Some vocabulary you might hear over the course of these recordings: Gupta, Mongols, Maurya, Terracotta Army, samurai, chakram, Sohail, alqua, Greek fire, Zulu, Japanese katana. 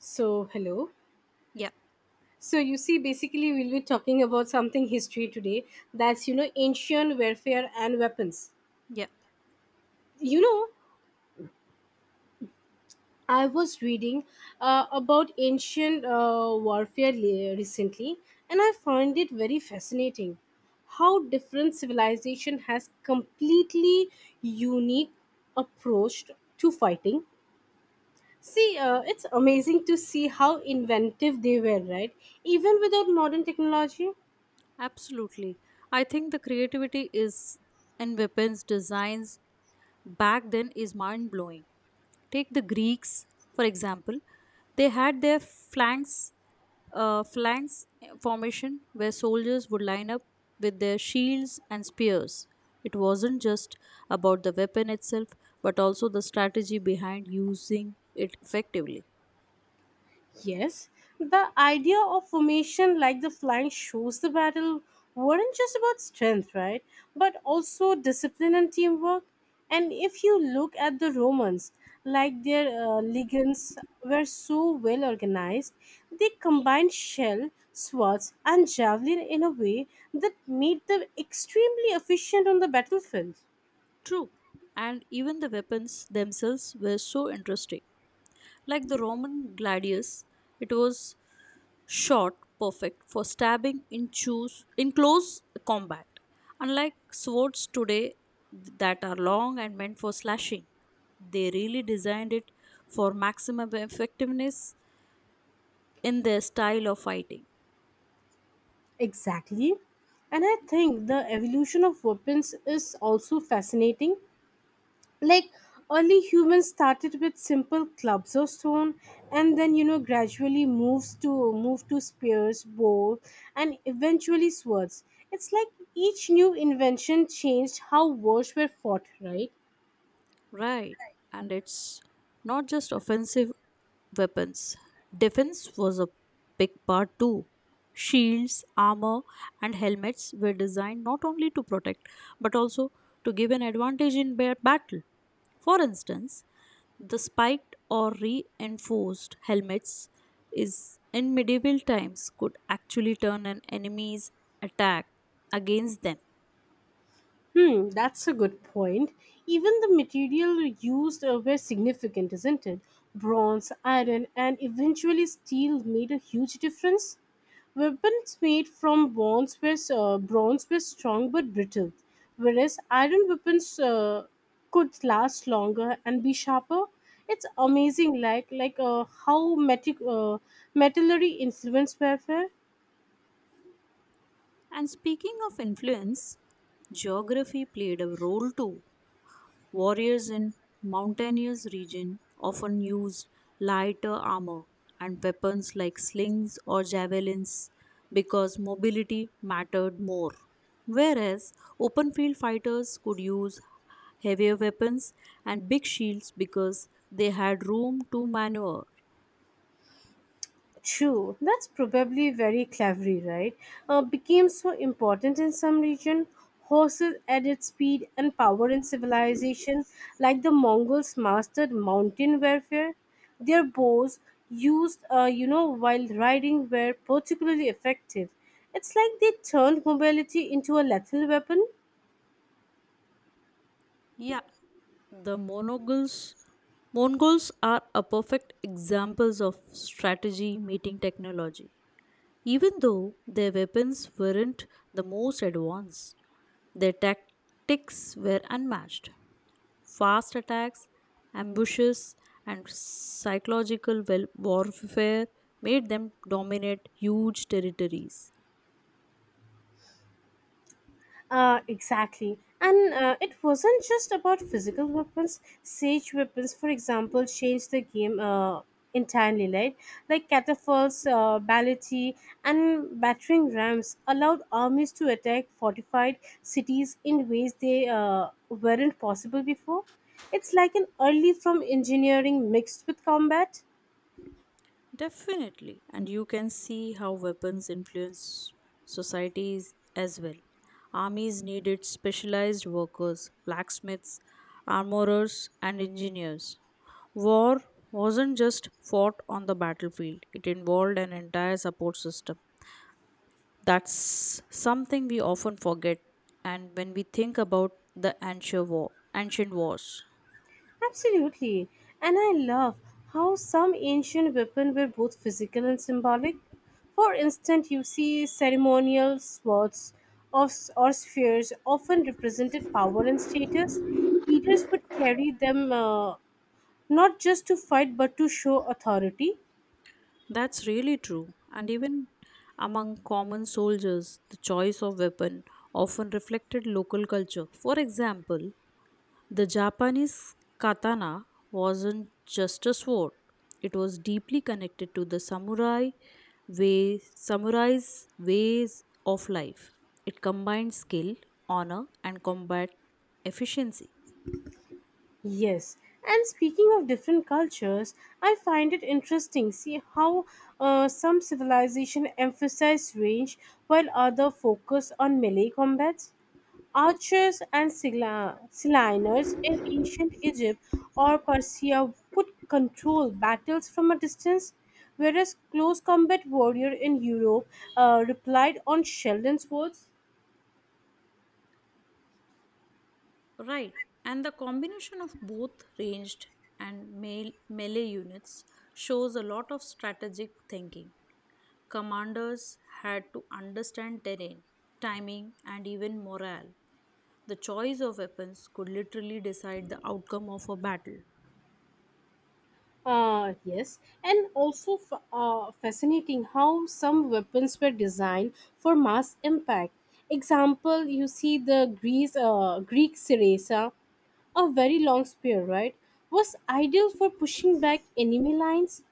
So, hello. Yeah, So, you see, basically, we'll be talking about something history today that's, ancient warfare and weapons. yeah, You know, I was reading about ancient recently and I found it very fascinating how different civilization has completely unique approach to fighting. See, it's amazing to see how inventive they were, right? Even without modern technology. absolutely. I think the creativity is in weapons designs back then is mind blowing. Take the Greeks, for example, they had their flanks formation where soldiers would line up with their shields and spears. It wasn't just about the weapon itself, but also the strategy behind using it effectively. Yes, the idea of formation like the flying shows the battle weren't just about strength, right? But also discipline and teamwork. And if you look at the Romans, like their legions were so well organized, they combined shell, swords, and javelin in a way that made them extremely efficient on the battlefield. True, and even the weapons themselves were so interesting. Like the Roman gladius, it was short, perfect for stabbing, in close combat. Unlike swords today that are long and meant for slashing, they really designed it for maximum effectiveness in their style of fighting. Exactly. And I think the evolution of weapons is also fascinating, like early humans started with simple clubs or stone, and then gradually move to spears, bow, and eventually swords. It's like each new invention changed how wars were fought, right? Right, and it's not just offensive weapons. Defense was a big part too. Shields, armor, and helmets were designed not only to protect but also to give an advantage in battle. For instance, the spiked or reinforced helmets is in medieval times could actually turn an enemy's attack against them. Hmm, that's a good point. Even the material used were significant, isn't it? Bronze, iron, and eventually steel made a huge difference. Weapons made from bronze were strong but brittle, whereas iron weapons could last longer and be sharper. It's amazing, like how metallurgy influenced warfare. And speaking of influence, geography played a role too. Warriors in mountainous regions often used lighter armor and weapons like slings or javelins because mobility mattered more. Whereas open field fighters could use heavier weapons and big shields because they had room to maneuver. True, that's probably very cleverly right. Became so important in some region. Horses added speed and power in civilization, like the Mongols mastered mountain warfare. Their bows, used while riding, were particularly effective. It's like they turned mobility into a lethal weapon. Yeah, the Mongols are a perfect examples of strategy meeting technology. Even though their weapons weren't the most advanced, their tactics were unmatched. Fast attacks, ambushes, and psychological warfare made them dominate huge territories. Exactly. And it wasn't just about physical weapons. Siege weapons, for example, changed the game entirely, right? Like catapults, ballistae, and battering rams allowed armies to attack fortified cities in ways they weren't possible before. It's like an early from engineering mixed with combat. Definitely. And you can see how weapons influence societies as well. Armies needed specialized workers, blacksmiths, armorers, and engineers. War wasn't just fought on the battlefield, it involved an entire support system. That's something we often forget, and when we think about the ancient wars. Absolutely. And I love how some ancient weapons were both physical and symbolic. For instance, you see ceremonial swords of, or spheres often represented power and status. Leaders would carry them, not just to fight but to show authority. That's really true. And even among common soldiers, the choice of weapon often reflected local culture. For example, the Japanese katana wasn't just a sword, it was deeply connected to the samurai's ways of life. It combined skill, honor, and combat efficiency. Yes. And speaking of different cultures, I find it interesting see how some civilization emphasize range while other focus on melee combats. Archers and Siliners in ancient Egypt or Persia could control battles from a distance, whereas close combat warrior in Europe replied on Sheldon's words. Right, and the combination of both ranged and melee units shows a lot of strategic thinking. Commanders had to understand terrain, timing, and even morale. The choice of weapons could literally decide the outcome of a battle. Yes, and also fascinating how some weapons were designed for mass impact. Example, you see the Greek Syriza, a very long spear, right, was ideal for pushing back enemy lines.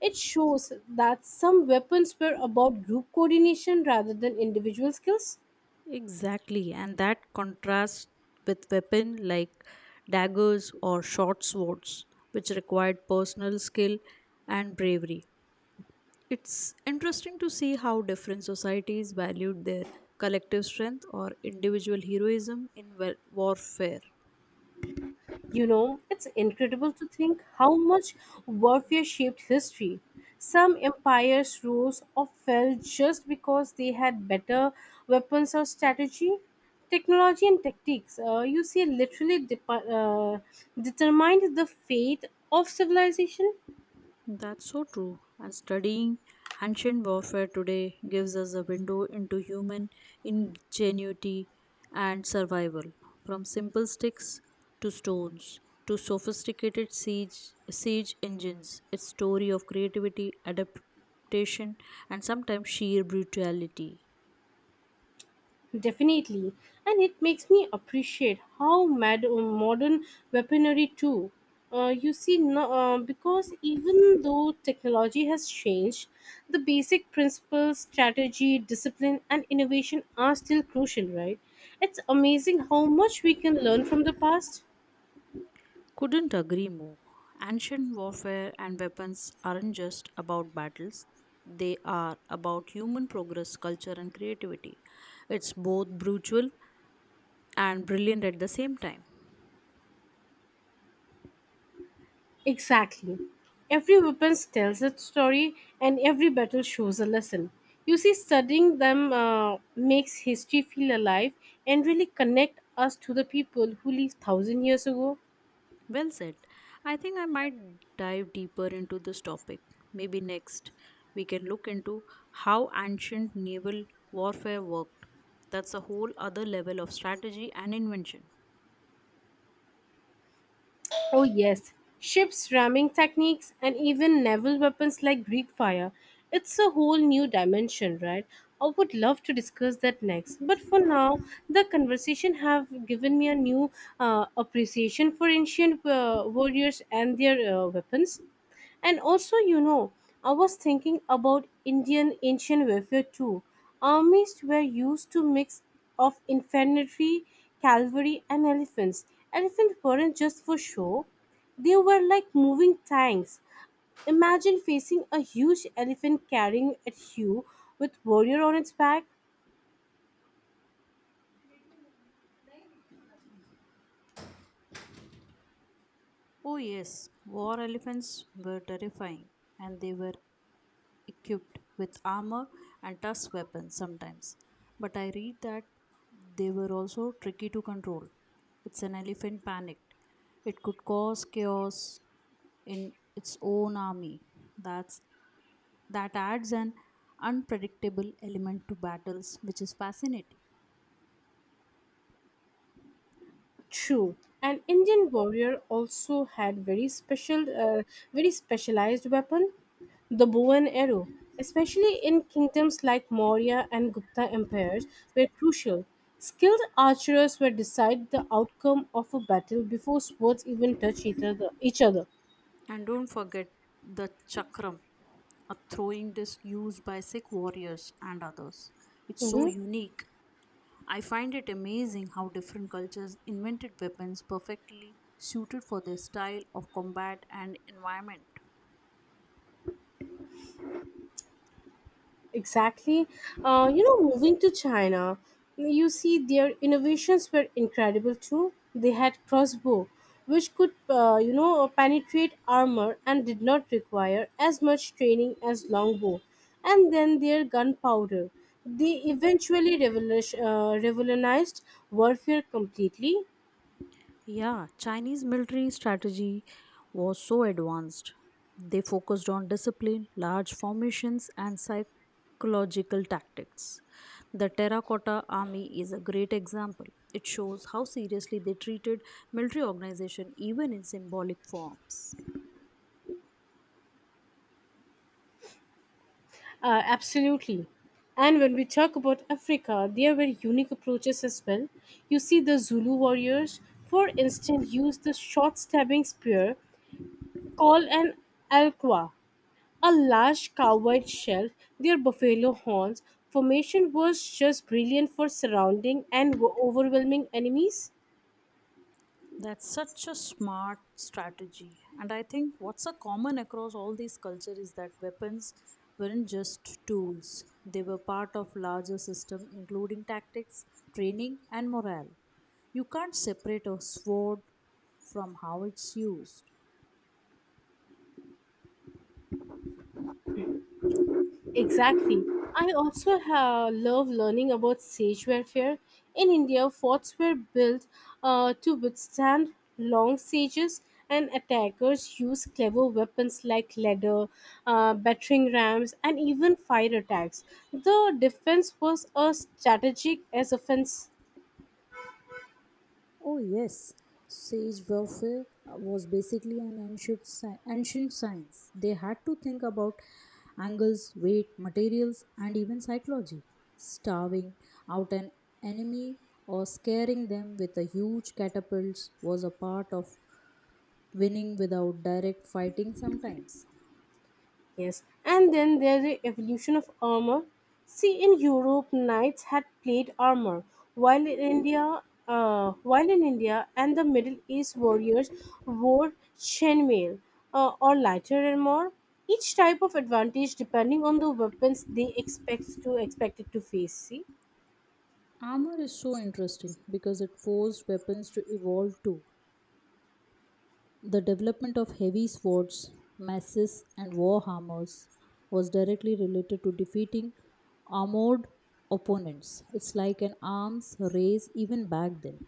It shows that some weapons were about group coordination rather than individual skills. Exactly, and that contrasts with weapon like daggers or short swords, which required personal skill and bravery. It's interesting to see how different societies valued their collective strength or individual heroism in warfare. You know, it's incredible to think how much warfare shaped history. Some empires rose or fell just because they had better weapons or strategy. Technology and tactics, you see, literally depa determined the fate of civilization. That's so true. And studying ancient warfare today gives us a window into human ingenuity and survival. From simple sticks to stones to sophisticated siege engines, its story of creativity, adaptation, and sometimes sheer brutality. Definitely. And it makes me appreciate how mad modern weaponry too. You see, no, because even though technology has changed, the basic principles, strategy, discipline, and innovation are still crucial, right? It's amazing how much we can learn from the past. Couldn't agree more. Ancient warfare and weapons aren't just about battles, they are about human progress, culture, and creativity. It's both brutal and brilliant at the same time. Exactly. Every weapon tells its story, and every battle shows a lesson. You see, studying them makes history feel alive and really connect us to the people who lived thousand years ago. Well said. I think I might dive deeper into this topic. Maybe next we can look into how ancient naval warfare worked. That's a whole other level of strategy and invention. Oh, yes, ships, ramming techniques, and even naval weapons like Greek fire. It's a whole new dimension, right? I would love to discuss that next. But for now, the conversation have given me a new appreciation for ancient warriors and their weapons. And also, you know, I was thinking about Indian ancient warfare too. Armies were used to mix of infantry, cavalry, and elephants. Elephants weren't just for show; they were like moving tanks. Imagine facing a huge elephant carrying at you with warrior on its back. Oh, yes, war elephants were terrifying and they were equipped with armor and tough weapons sometimes. But I read that they were also tricky to control. It's an elephant panicked. It could cause chaos in its own army. That's that adds an unpredictable element to battles, which is fascinating. True, an Indian warrior also had very specialized weapon, the bow and arrow. Especially in kingdoms like Maurya and Gupta empires, were crucial. Skilled archers were decide the outcome of a battle before swords even touch each other. Each other. And don't forget the chakram, a throwing disc used by Sikh warriors and others. It's so Mm-hmm. unique. I find it amazing how different cultures invented weapons perfectly suited for their style of combat and environment. Exactly. You know, moving to China, you see their innovations were incredible too. They had crossbow, which could, penetrate armor and did not require as much training as longbow. And then their gunpowder. They eventually revolutionized warfare completely. Yeah, Chinese military strategy was so advanced. They focused on discipline, large formations, and psychological tactics. The Terracotta Army is a great example. It shows how seriously they treated military organization even in symbolic forms. Absolutely. And when we talk about Africa, there were unique approaches as well. You see, the Zulu warriors, for instance, used the short stabbing spear called an alqua, a large cowhide shell, their buffalo horns. Formation was just brilliant for surrounding and overwhelming enemies. That's such a smart strategy. And I think what's a common across all these cultures is that weapons weren't just tools. They were part of larger system including tactics, training and morale. You can't separate a sword from how it's used. Exactly. I love learning about siege warfare. In India, forts were built to withstand long sieges, and attackers used clever weapons like ladder, battering rams, and even fire attacks. The defense was as strategic as offense. Oh yes, siege warfare was basically an ancient science. They had to think about angles, weight, materials, and even psychology. Starving out an enemy or scaring them with a huge catapults was a part of winning without direct fighting sometimes. Yes, and then there's the evolution of armor. See, in Europe, knights had plate armor, while in India, while in India and the Middle East, warriors wore chainmail or lighter armor. Each type of advantage depending on the weapons they expected to face. See. Armor is so interesting because it forced weapons to evolve too. The development of heavy swords, maces, and war hammers was directly related to defeating armored opponents. It's like an arms race even back then.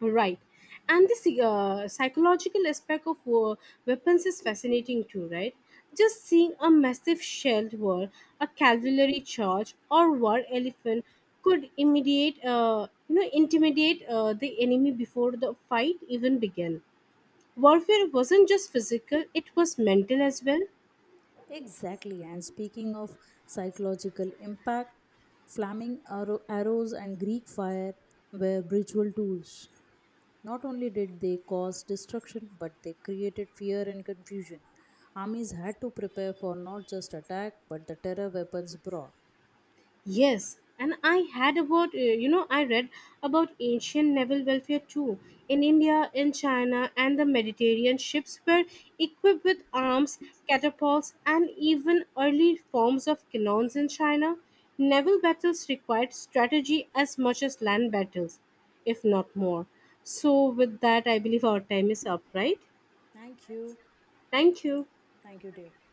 Right. And the psychological aspect of war weapons is fascinating too, right? Just seeing a massive shelled wall, a cavalry charge, or war elephant could intimidate the enemy before the fight even began. Warfare wasn't just physical; it was mental as well. Exactly. And speaking of psychological impact, arrows and Greek fire were ritual tools. Not only did they cause destruction, but they created fear and confusion. Armies had to prepare for not just attack, but the terror weapons brought. Yes, and I had I read about ancient naval welfare too. In India, in China, and the Mediterranean, ships were equipped with arms, catapults, and even early forms of cannons in China. Naval battles required strategy as much as land battles, if not more. So, with that, I believe our time is up, right? Thank you. Thank you. Thank you, dear.